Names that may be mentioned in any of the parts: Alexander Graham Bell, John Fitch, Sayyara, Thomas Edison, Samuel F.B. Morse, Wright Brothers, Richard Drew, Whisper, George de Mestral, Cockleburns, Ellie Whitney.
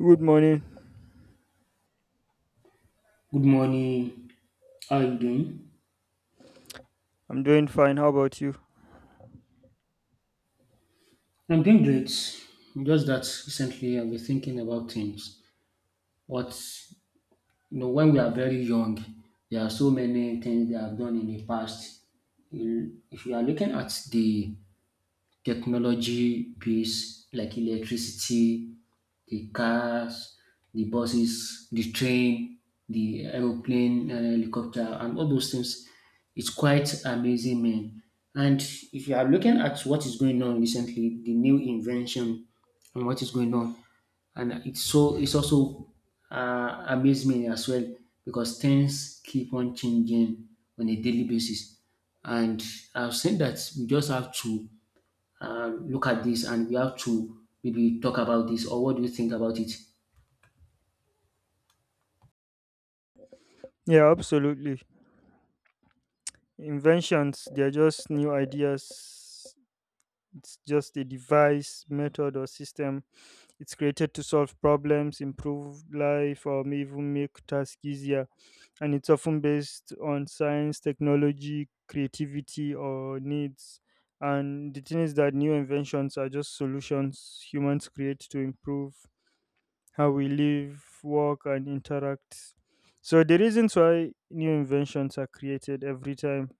Good morning. Good morning. How are you doing? I'm doing fine. How about you? I'm doing great. Just that recently I've been thinking about things. What when we are very young, there are so many things they have done in the past. If you are looking at the technology based like electricity, the cars, the buses, the train, the aeroplane, and helicopter, and all those things. It's quite amazing, man. And if you are looking at what is going on recently, the new invention and what is going on, and it's also amaze me as well because things keep on changing on a daily basis. And I've seen that we just have to look at this and we have to maybe talk about this. Or what do you think about it? Yeah, absolutely. Inventions, they're just new ideas. It's just a device, method, or system. It's created to solve problems, improve life, or may even make tasks easier. And it's often based on science, technology, creativity, or needs. And the thing is that new inventions are just solutions humans create to improve how we live, work, and interact. So, the reasons why new inventions are created every time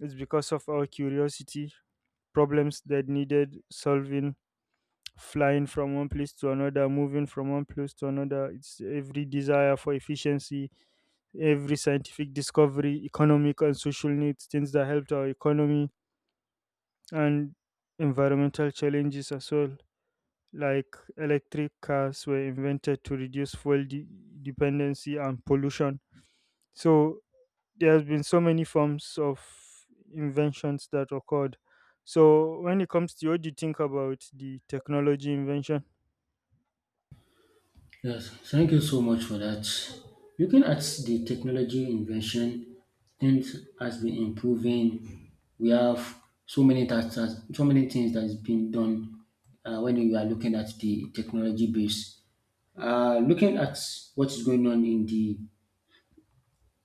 is because of our curiosity, problems that needed solving, flying from one place to another, moving from one place to another. It's every desire for efficiency, every scientific discovery, economic and social needs, things that helped our economy, and environmental challenges as well, like electric cars were invented to reduce fuel dependency and pollution. So there has been so many forms of inventions that occurred. So when it comes to, what do you think about the technology invention? Yes, thank you so much for that. Looking at the technology invention, things has been improving. We have so many so many things that has been done when we are looking at the technology base. Looking at what is going on in the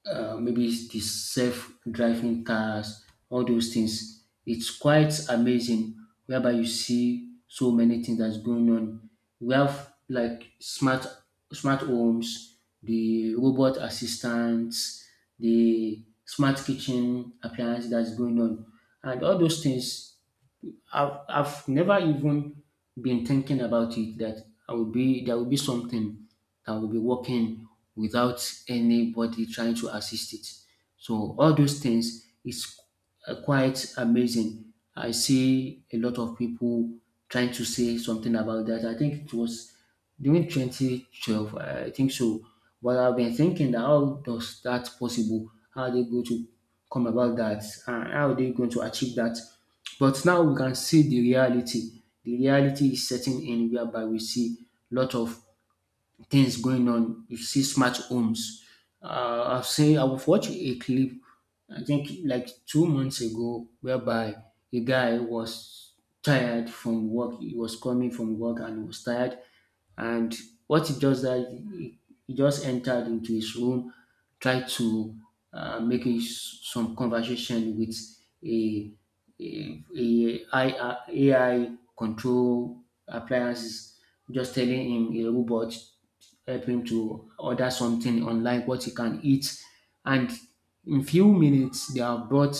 maybe it's the self-driving cars, all those things. It's quite amazing whereby you see so many things that's going on. We have like smart homes, the robot assistants, the smart kitchen appliance that's going on, and all those things I've never even been thinking about it, that I will be there will be something that will be working without anybody trying to assist it. So all those things is quite amazing. I see a lot of people trying to say something about that. I think it was during 2012, I think so. But I've been thinking, that how does that possible? How are they going to come about that? And how are they going to achieve that? But now we can see the reality. The reality is setting in, whereby we see a lot of things going on. You see smart homes. I've watched a clip, I think like 2 months ago, whereby a guy was tired from work. He was coming from work and he was tired. And what he does, that he just entered into his room, tried to make some conversation with a, a, AI control appliances, just telling him, a robot, help him to order something online, what he can eat, and in few minutes they have brought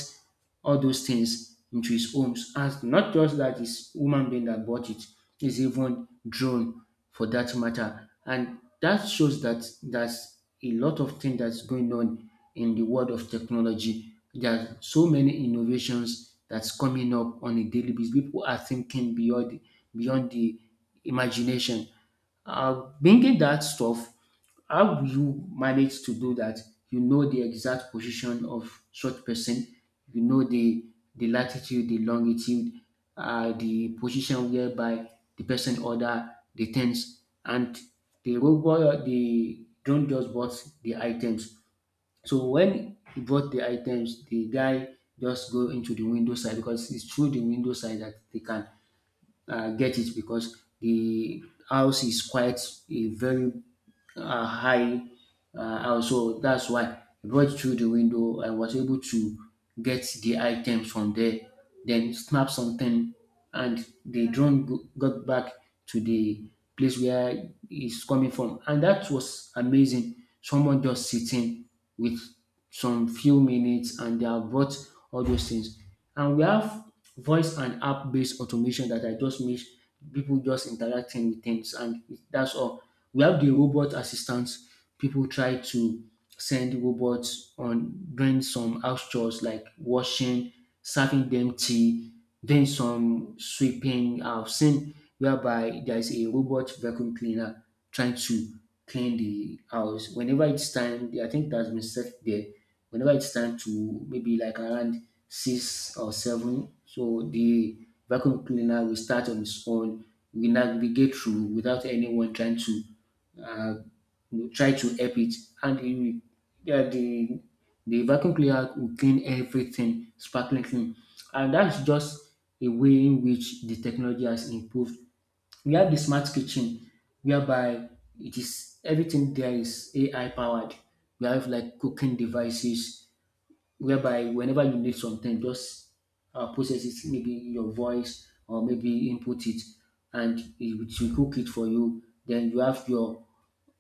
all those things into his homes. And not just that, it's human being that bought it. It's even drone for that matter. And that shows that there's a lot of things that's going on in the world of technology. There are so many innovations that's coming up on a daily basis. People are thinking beyond the imagination. Bringing that stuff, how do you manage to do that? You know the exact position of such person. You know the latitude, the longitude, the position whereby the person order the things, and the robot, the drone just bought the items. So when he bought the items, the guy just go into the window side, because it's through the window side that they can get it, because the house is quite a very high house. So that's why I brought it through the window. I was able to get the items from there, then snap something, and the drone got back to the place where it's coming from. And that was amazing. Someone just sitting with some few minutes and they have brought all those things. And we have voice and app based automation that I just miss, people just interacting with things and that's all. We have the robot assistants. People try to send robots on doing some house chores like washing, serving them tea, doing some sweeping. I've seen whereby there is a robot vacuum cleaner trying to clean the house. Whenever it's time, I think that's been set there, whenever it's time to maybe like around six or seven, so the vacuum cleaner will start on its own, will navigate through without anyone trying to uh, try to help it, and it will, yeah, the vacuum cleaner will clean everything sparkling clean, and that's just a way in which the technology has improved. We have the smart kitchen, whereby it is everything there is AI powered. We have like cooking devices whereby whenever you need something, just process it, maybe your voice or maybe input it, and it will cook it for you. Then you have your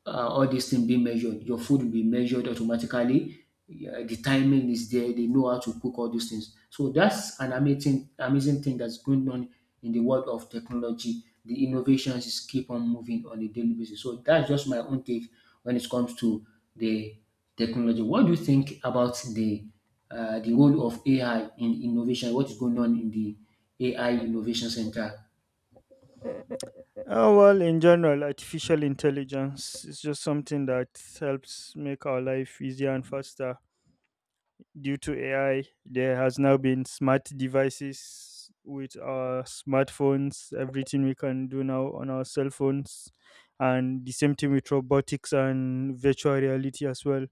all these things being measured. Your food will be measured automatically. Yeah, the timing is there. They know how to cook all these things. So that's an amazing, amazing thing that's going on in the world of technology. The innovations is keep on moving on a daily basis. So that's just my own take when it comes to the technology. What do you think about the role of AI in innovation? What is going on in the AI Innovation Center? Oh, well, in general, artificial intelligence is just something that helps make our life easier and faster. Due to AI, there has now been smart devices with our smartphones, everything we can do now on our cell phones, and the same thing with robotics and virtual reality as well.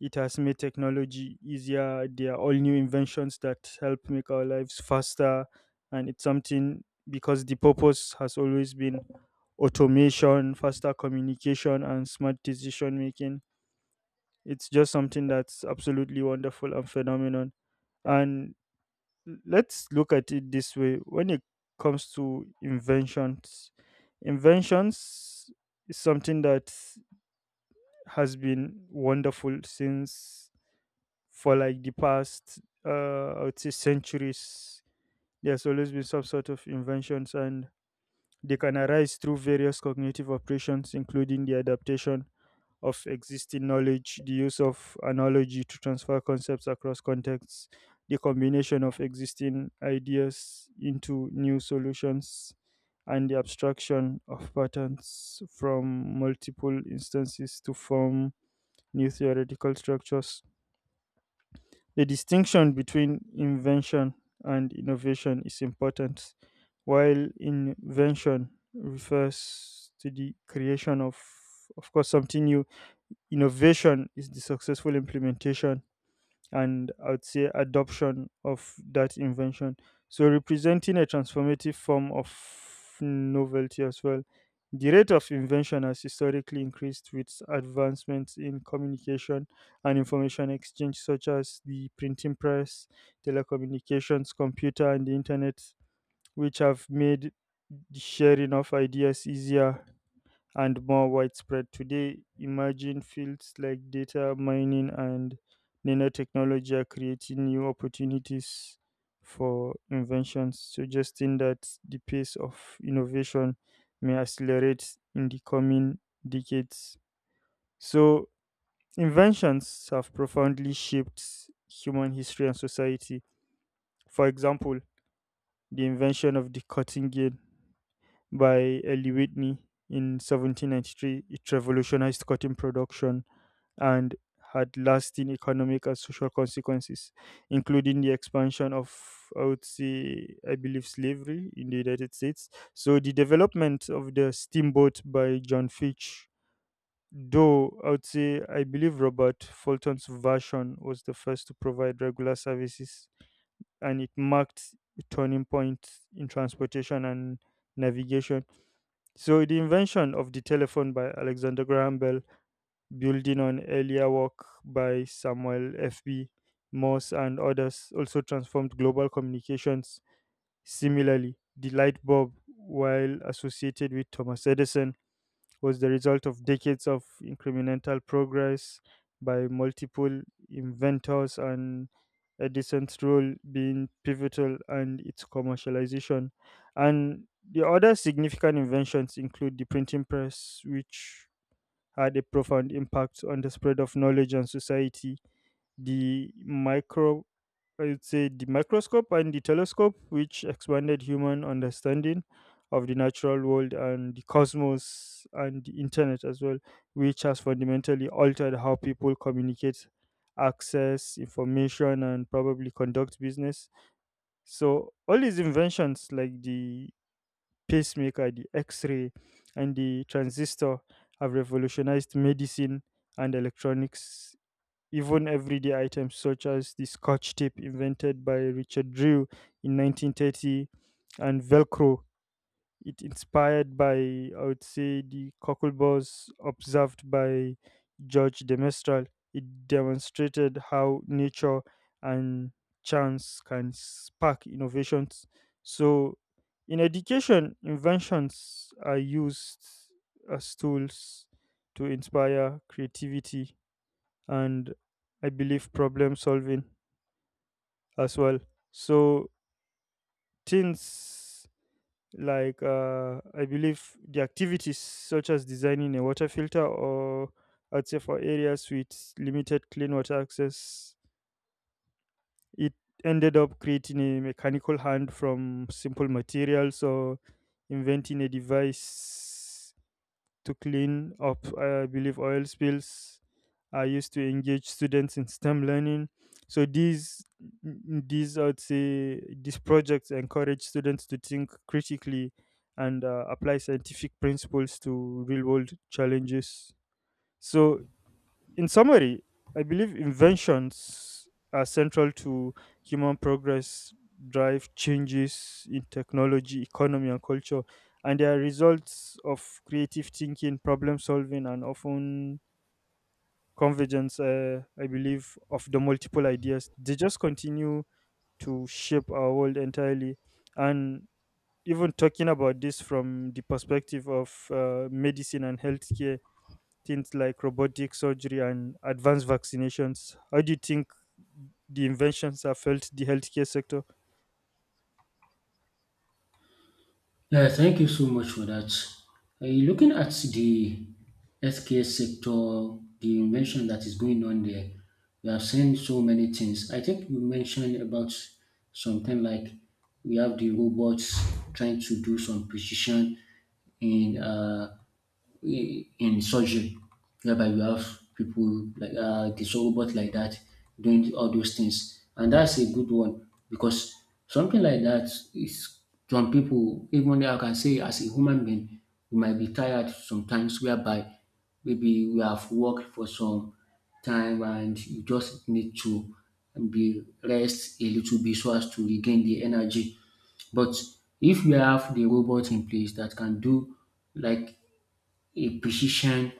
It has made technology easier. There are all new inventions that help make our lives faster, and it's something, because the purpose has always been automation, faster communication, and smart decision making. It's just something that's absolutely wonderful and phenomenal. And let's look at it this way when it comes to inventions. Inventions is something that has been wonderful since, for like the past, uh, I would say, centuries. There's always been some sort of inventions, and they can arise through various cognitive operations, including the adaptation of existing knowledge, the use of analogy to transfer concepts across contexts, the combination of existing ideas into new solutions, and the abstraction of patterns from multiple instances to form new theoretical structures. The distinction between invention and innovation is important. While invention refers to the creation of course, something new, innovation is the successful implementation and, I would say, adoption of that invention. So, representing a transformative form of novelty as well. The rate of invention has historically increased with advancements in communication and information exchange, such as the printing press, telecommunications, computer, and the internet, which have made the sharing of ideas easier and more widespread today. Imagine fields like data mining and nanotechnology are creating new opportunities for inventions, suggesting that the pace of innovation may accelerate in the coming decades. So, inventions have profoundly shaped human history and society. For example, the invention of the cotton gin by Ellie Whitney in 1793, it revolutionized cotton production and had lasting economic and social consequences, including the expansion of, I would say, I believe, slavery in the United States. So the development of the steamboat by John Fitch, though I would say, I believe Robert Fulton's version was the first to provide regular services, and it marked a turning point in transportation and navigation. So the invention of the telephone by Alexander Graham Bell, building on earlier work by Samuel F.B. Morse and others, also transformed global communications. Similarly, the light bulb, while associated with Thomas Edison, was the result of decades of incremental progress by multiple inventors, and Edison's role being pivotal and its commercialization. And the other significant inventions include the printing press, which had a profound impact on the spread of knowledge and society. The micro, I would say, the microscope and the telescope, which expanded human understanding of the natural world and the cosmos, and the internet as well, which has fundamentally altered how people communicate, access information, and probably conduct business. So all these inventions, like the pacemaker, the X ray, and the transistor have revolutionized medicine and electronics. Even everyday items such as the scotch tape invented by Richard Drew in 1930, and Velcro, it inspired by, I would say, the Cockleburns observed by George de Mestral. It demonstrated how nature and chance can spark innovations. So, in education, inventions are used as tools to inspire creativity and, I believe, problem solving as well. So, things like I believe the activities such as designing a water filter or, I'd say, for areas with limited clean water access, it ended up creating a mechanical hand from simple materials, or inventing a device to clean up, I believe, oil spills I used to engage students in STEM learning. So these I would say these projects encourage students to think critically and, apply scientific principles to real world challenges. So, in summary, I believe inventions are central to human progress, drive changes in technology, economy, and culture, and they are results of creative thinking, problem solving, and often convergence, I believe, of the multiple ideas. They just continue to shape our world entirely. And even talking about this from the perspective of medicine and healthcare, things like robotic surgery and advanced vaccinations. How do you think the inventions have helped the healthcare sector? Yeah, thank you so much for that. Looking at the healthcare sector, the invention that is going on there, we have seen so many things. I think you mentioned about something like we have the robots trying to do some precision in in surgery, whereby you have people like the robot like that doing all those things, and that's a good one, because something like that is, some people, even though I can say as a human being we might be tired sometimes, whereby maybe we have worked for some time and you just need to be rest a little bit so as to regain the energy. But if we have the robot in place that can do like a precision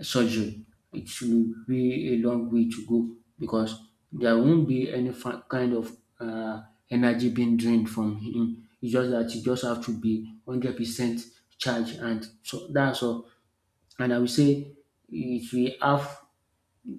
surgery, it will be a long way to go, because there won't be any kind of energy being drained from him. It's just that you just have to be 100% charged, and so that's all. And I will say it will have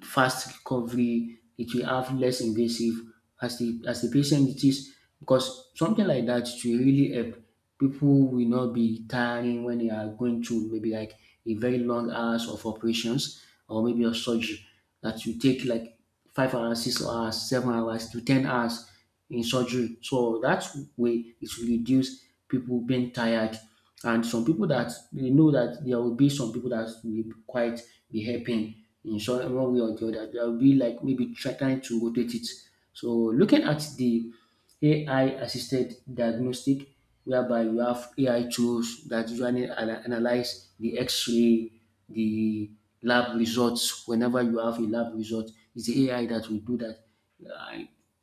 fast recovery, it will have less invasive as the patient it is, because something like that it will really help. People will not be tiring when they are going through maybe like a very long hours of operations or maybe a surgery that will take like 5 hours, 6 hours, 7 hours to 10 hours in surgery. So that way it will reduce people being tired. And some people that they know that there will be some people that will be quite be helping in short one way or the other. There will be like maybe trying to rotate it. So looking at the AI assisted diagnostic, whereby you have AI tools that usually analyze the x-ray, the lab results. Whenever you have a lab result, it's the AI that will do that,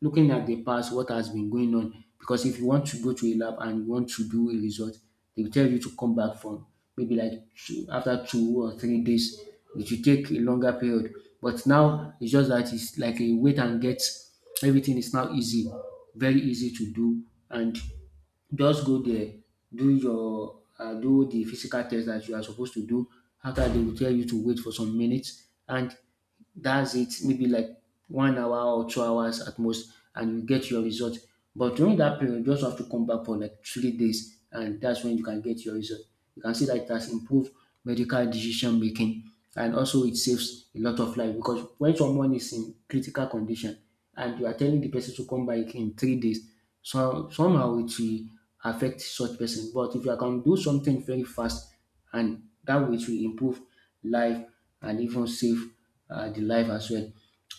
looking at the past, what has been going on. Because if you want to go to a lab and you want to do a result, they will tell you to come back from maybe like two, after 2 or 3 days. It will take a longer period. But now it's just that it's like a wait and get. Everything is now easy, very easy to do, and just go there, do your do the physical test that you are supposed to do. After, they will tell you to wait for some minutes, and that's it, maybe like 1 hour or 2 hours at most, and you get your result. But during that period, you just have to come back for like 3 days, and that's when you can get your result. You can see that it has improved medical decision making, and also it saves a lot of life, because when someone is in critical condition, and you are telling the person to come back in 3 days, so somehow it will affect such person. But if you can do something very fast, and that which will improve life and even save the life as well.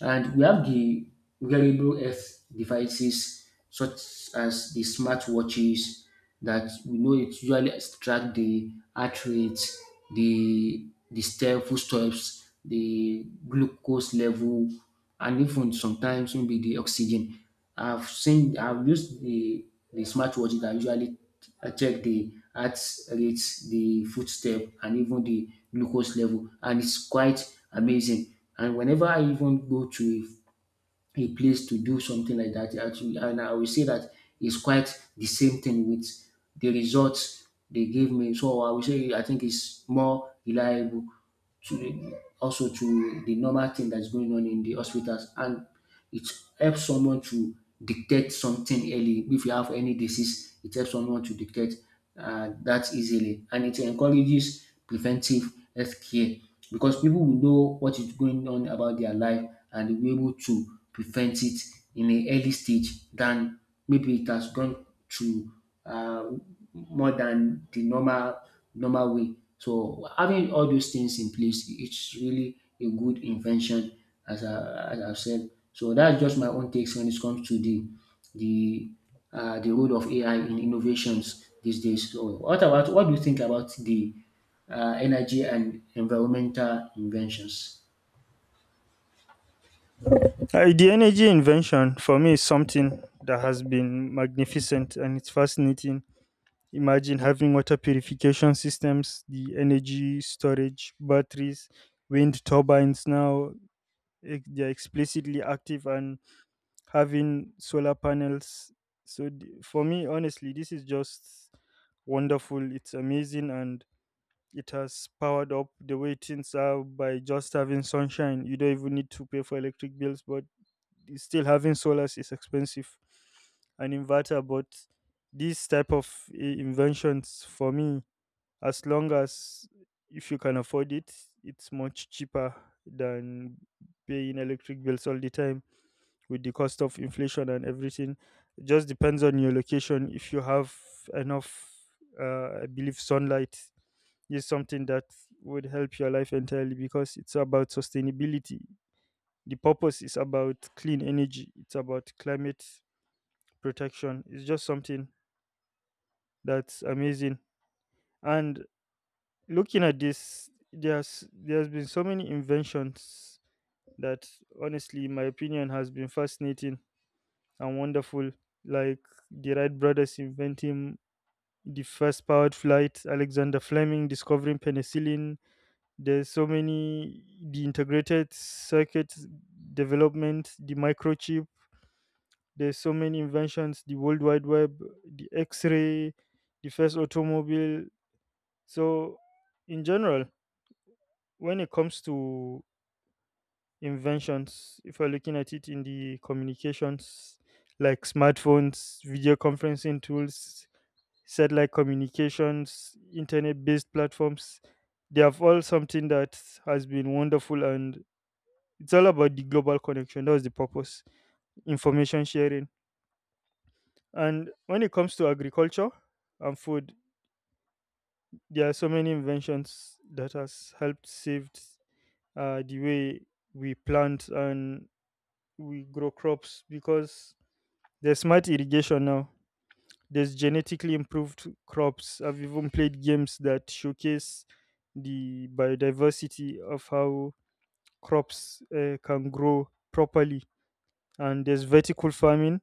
And we have the wearable health devices such as the smartwatches that we know it usually track the heart rate, the step, footsteps, the glucose level, and even sometimes maybe the oxygen. I've used the smartwatch that usually I check the heart rate, the footstep, and even the glucose level, and it's quite amazing. And whenever I even go to a place to do something like that. Actually, and I will say that it's quite the same thing with the results they gave me. So I will say I think it's more reliable to, also to the normal thing that's going on in the hospitals. And it helps someone to detect something early. If you have any disease, it helps someone to detect that easily. And it encourages preventive health care because people will know what is going on about their life and they'll be able to prevent it in an early stage than maybe it has gone to uh, more than the normal way. So having all those things in place, it's really a good invention as I've said. So that's just my own takes when it comes to the the role of AI in innovations these days. So what do you think about the energy and environmental inventions? The energy invention for me is something that has been magnificent and it's fascinating. Imagine having water purification systems, the energy storage, batteries, wind turbines now, they're explicitly active, and having solar panels. So, for me, honestly, this is just wonderful. It's amazing, and it has powered up the way things are by just having sunshine. You don't even need to pay for electric bills, but still having solars is expensive. An inverter, but these type of inventions for me, as long as if you can afford it, it's much cheaper than paying electric bills all the time, with the cost of inflation and everything. It just depends on your location. If you have enough, I believe, sunlight is something that would help your life entirely, because it's about sustainability. The purpose is about clean energy. It's about climate protection. It's just something that's amazing. And looking at this, there's been so many inventions that, honestly, in my opinion, has been fascinating and wonderful, like the Wright Brothers inventing the first powered flight, Alexander Fleming discovering penicillin. There's so many. The integrated circuit development, the microchip. There's so many inventions. The world wide web, the x-ray, the first automobile. So, in general, when it comes to inventions, if we're looking at it in the communications, like smartphones, video conferencing tools, satellite communications, internet based platforms, they have all something that has been wonderful, and it's all about the global connection. That was the purpose. Information sharing. And when it comes to agriculture and food, there are so many inventions that has helped saved, the way we plant and we grow crops, because there's smart irrigation now. There's genetically improved crops. I've even played games that showcase the biodiversity of how crops can grow properly. And there's vertical farming,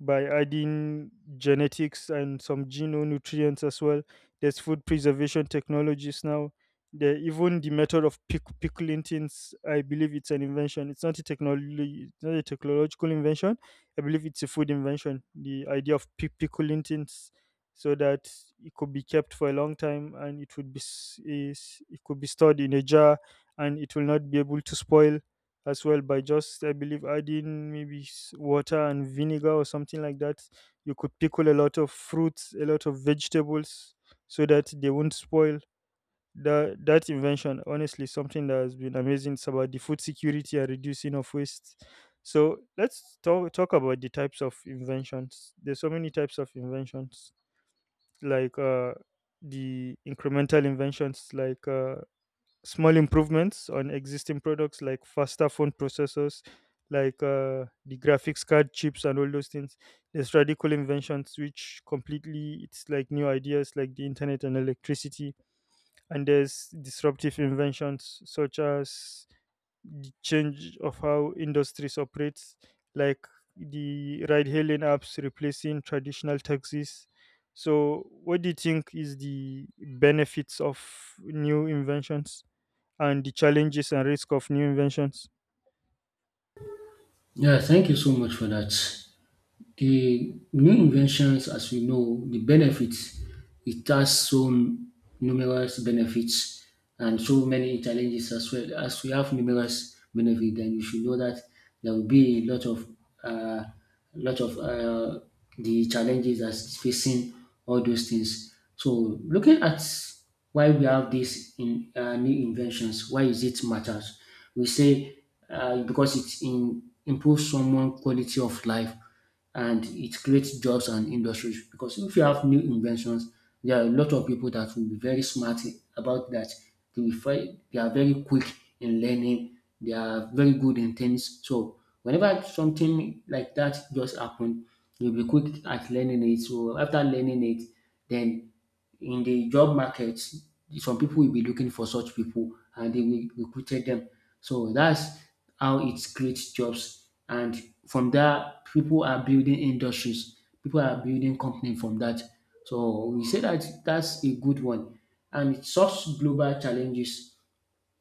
by adding genetics and some nutrients as well. There's food preservation technologies now. Even the method of pickling things, I believe it's an invention. It's not a technology, it's not a technological invention. I believe it's a food invention. The idea of pickling things, so that it could be kept for a long time, and it would be s- is, it could be stored in a jar, and it will not be able to spoil as well, by just, I believe, adding maybe water and vinegar, or something like that. You could pickle a lot of fruits, a lot of vegetables, so that they won't spoil. That invention, honestly, something that has been amazing. It's about the food security and reducing of waste. So let's talk about the types of inventions. There's so many types of inventions, like the incremental inventions, like small improvements on existing products, like faster phone processors, like the graphics card chips and all those things. There's radical inventions which completely it's like new ideas, like the internet and electricity. And there's disruptive inventions such as the change of how industries operate, like the ride hailing apps replacing traditional taxis. So, what do you think is the benefits of new inventions, and the challenges and risk of new inventions? Yeah, thank you so much for that. The new inventions, as we know, the benefits, it has so numerous benefits and so many challenges as well. As we have numerous benefits, then you should know that there will be a lot of uh, lot of uh, the challenges that's facing all those things. So looking at why we have these in new inventions, why is it matters? We say because improves someone quality of life, and it creates jobs and industries because if you have new inventions, there are a lot of people that will be very smart about that. They will find, they are very quick in learning. They are very good in things. So whenever something like that just happened, you'll be quick at learning it. So after learning it, then in the job market, some people will be looking for such people and they will recruit them. So that's how it creates jobs. And from that, people are building industries, people are building company from that. So we say that that's a good one. And it solves global challenges.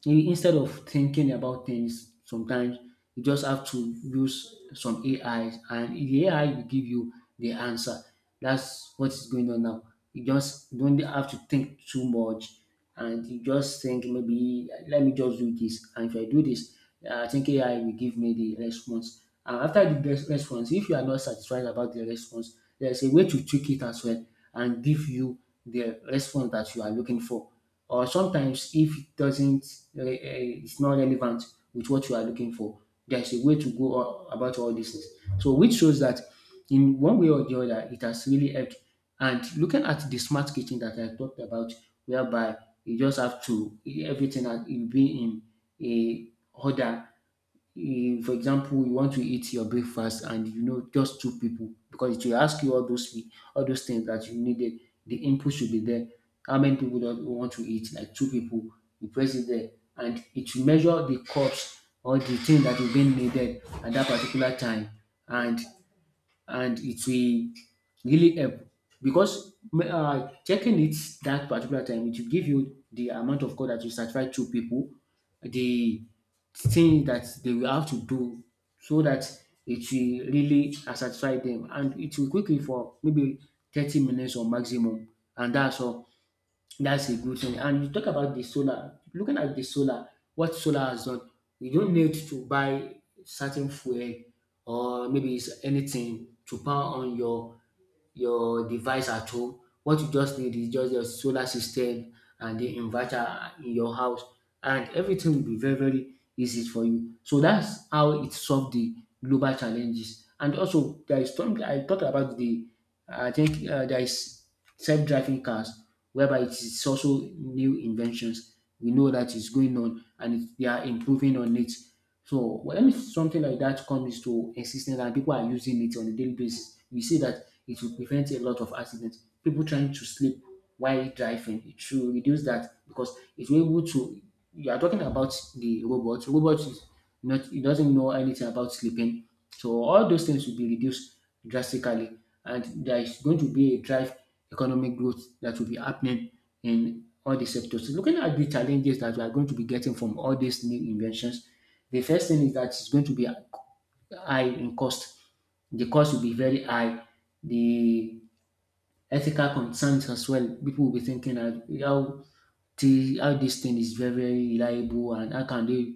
Instead of thinking about things sometimes, you just have to use some AI, and the AI will give you the answer. That's what is going on now. You just don't have to think too much, and you just think, maybe let me just do this, and if I do this, I think AI will give me the response. And after the best response, if you are not satisfied about the response, there's a way to tweak it as well and give you the response that you are looking for. Or sometimes if it doesn't, it's not relevant with what you are looking for, there's a way to about all these things. So which shows that in one way or the other, it has really helped. And looking at the smart kitchen that I talked about, whereby you just have to, everything that will be in a order. Eh, for example, you want to eat your breakfast and you know just two people, because it will ask you all all those things that you needed. The input should be there. How many people do you want to eat? Like two people. You press it there, and it will measure the cups or the thing that is being needed at that particular time. And it will really help because checking it that particular time, it will give you the amount of code that you satisfy two people, the thing that they will have to do so that it will really satisfy them, and it will quickly for maybe 30 minutes or maximum, and that's all. That's a good thing. And you talk about the solar. Looking at the solar, what solar has done, you don't need to buy certain fuel or maybe it's anything to power on your device at home. What you just need is just your solar system and the inverter in your house, and everything will be very, very easy for you. So that's how it solved the global challenges. And also, there is something I talked about, the, I think there is self-driving cars, whereby it is also new inventions. We know that is going on, and it, they are improving on it. So when something like that comes to existence and people are using it on a daily basis, we see that it will prevent a lot of accidents. People trying to sleep while driving, it should reduce that because it will able to. You are talking about the robot. Robot is not, it doesn't know anything about sleeping, so all those things will be reduced drastically, and there is going to be a drive economic growth that will be happening in all the sectors. Looking at the challenges that we are going to be getting from all these new inventions, the first thing is that it's going to be high in cost. The cost will be very high. The ethical concerns as well, people will be thinking that how the, how this thing is very, very reliable and how can they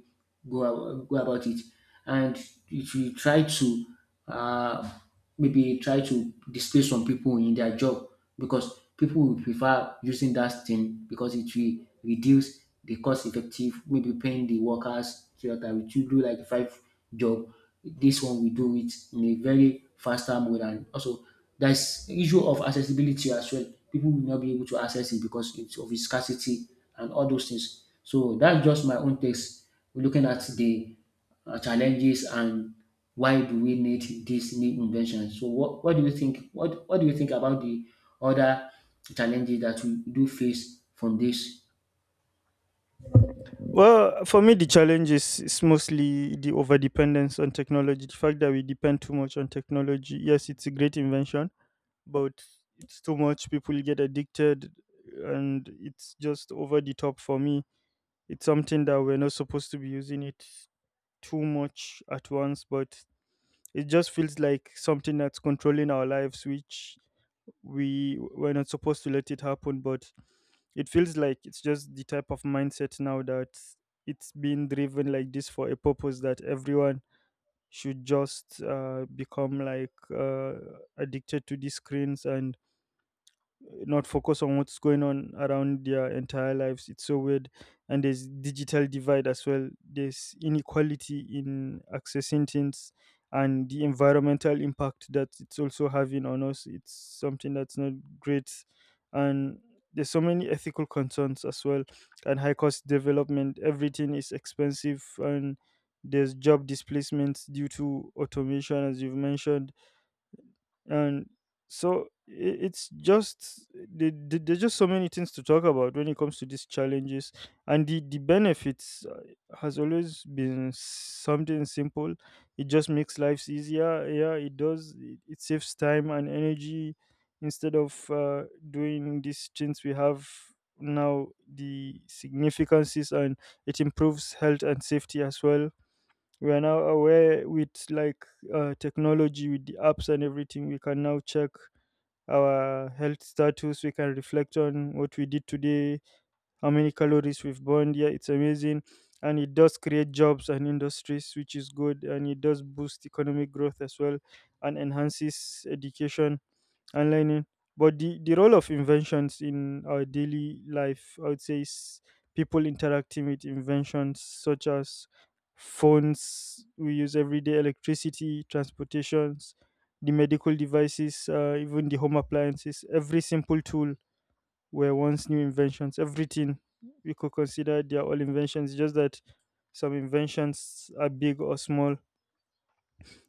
go, go about it. And if you try to uh, maybe try to displace some people in their job, because people will prefer using that thing because it will reduce the cost effective, maybe paying the workers so that we should do like five job. This one we do it in a very faster mode. And also, there's issue of accessibility as well. People will not be able to access it because it's of its scarcity and all those things. So that's just my own takes looking at the challenges and why do we need this new invention. So what do you think? What do you think about the other challenges that we do face from this? Well, for me, the challenge is mostly the overdependence on technology. The fact that we depend too much on technology. Yes, it's a great invention, but it's too much. People get addicted, and it's just over the top for me. It's something that we're not supposed to be using it too much at once, but it just feels like something that's controlling our lives, which we're not supposed to let it happen, but it feels like it's just the type of mindset now that it's being driven like this for a purpose, that everyone should just, become like, addicted to these screens and not focus on what's going on around their entire lives. It's so weird. And there's digital divide as well. There's inequality in accessing things, and the environmental impact that it's also having on us. It's something that's not great. And there's so many ethical concerns as well, and high cost development. Everything is expensive, and there's job displacements due to automation, as you've mentioned. And so, it's just, there's just so many things to talk about when it comes to these challenges, and the benefits, has always been something simple. It just makes lives easier. Yeah, it does, it saves time and energy, instead of, doing these things we have now. The significances, and it improves health and safety as well. We are now aware, with like, technology with the apps and everything. We can now check our health status. We can reflect on what we did today, how many calories we've burned. Yeah, it's amazing. And it does create jobs and industries, which is good. And it does boost economic growth as well, and enhances education and learning. But the role of inventions in our daily life, I would say, is people interacting with inventions such as phones we use every day, electricity, transportations, the medical devices, even the home appliances. Every simple tool were once new inventions. Everything we could consider, they are all inventions. Just that some inventions are big or small.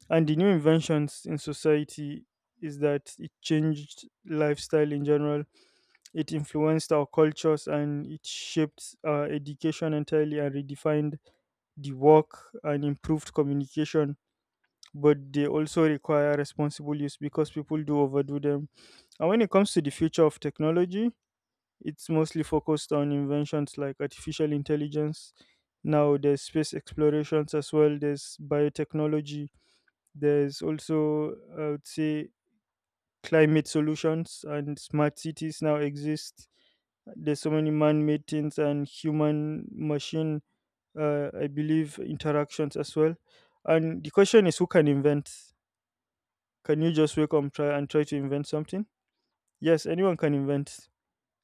And the new inventions in society is that it changed lifestyle in general. It influenced our cultures, and it shaped our education entirely, and redefined the work, and improved communication. But they also require responsible use, because people do overdo them. And when it comes to the future of technology, it's mostly focused on inventions like artificial intelligence. Now there's space explorations as well, there's biotechnology, there's also, I would say, climate solutions and smart cities now exist. There's so many man made things and human machine, I believe, interactions as well. And the question is, who can invent? Can you just wake up and try to invent something? Yes, anyone can invent.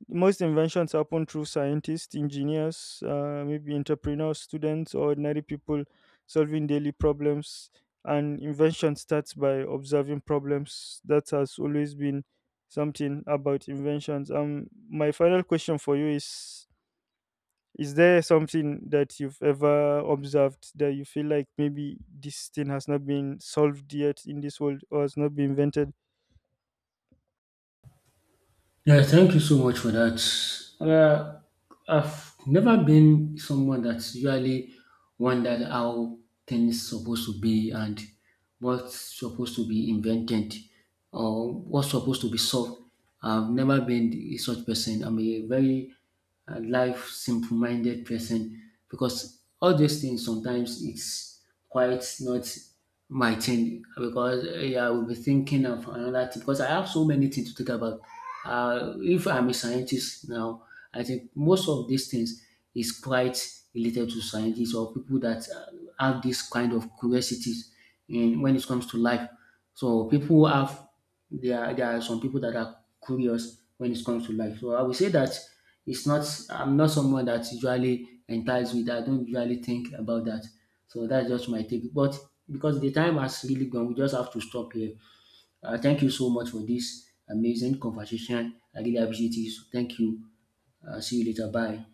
Most inventions happen through scientists, engineers, maybe entrepreneurs, students, or ordinary people solving daily problems. And invention starts by observing problems. That has always been something about inventions. My final question for you is: is there something that you've ever observed that you feel like maybe this thing has not been solved yet in this world or has not been invented? Yeah, thank you so much for that. Uh, I've never been someone that's usually wondered how things supposed to be and what's supposed to be invented or what's supposed to be solved. I've never been a such person. I'm a very life simple-minded person, because all these things sometimes it's quite not my thing, because eh, I will be thinking of another thing because I have so many things to think about. If I'm a scientist now, I think most of these things is quite related to scientists or people that have this kind of curiosities in when it comes to life. So people have, there are some people that are curious when it comes to life. So I would say that it's not, I'm not someone that usually entices with, I don't usually think about that. So that's just my take. But because the time has really gone, we just have to stop here. Thank you so much for this amazing conversation. I really appreciate it. So thank you. See you later. Bye.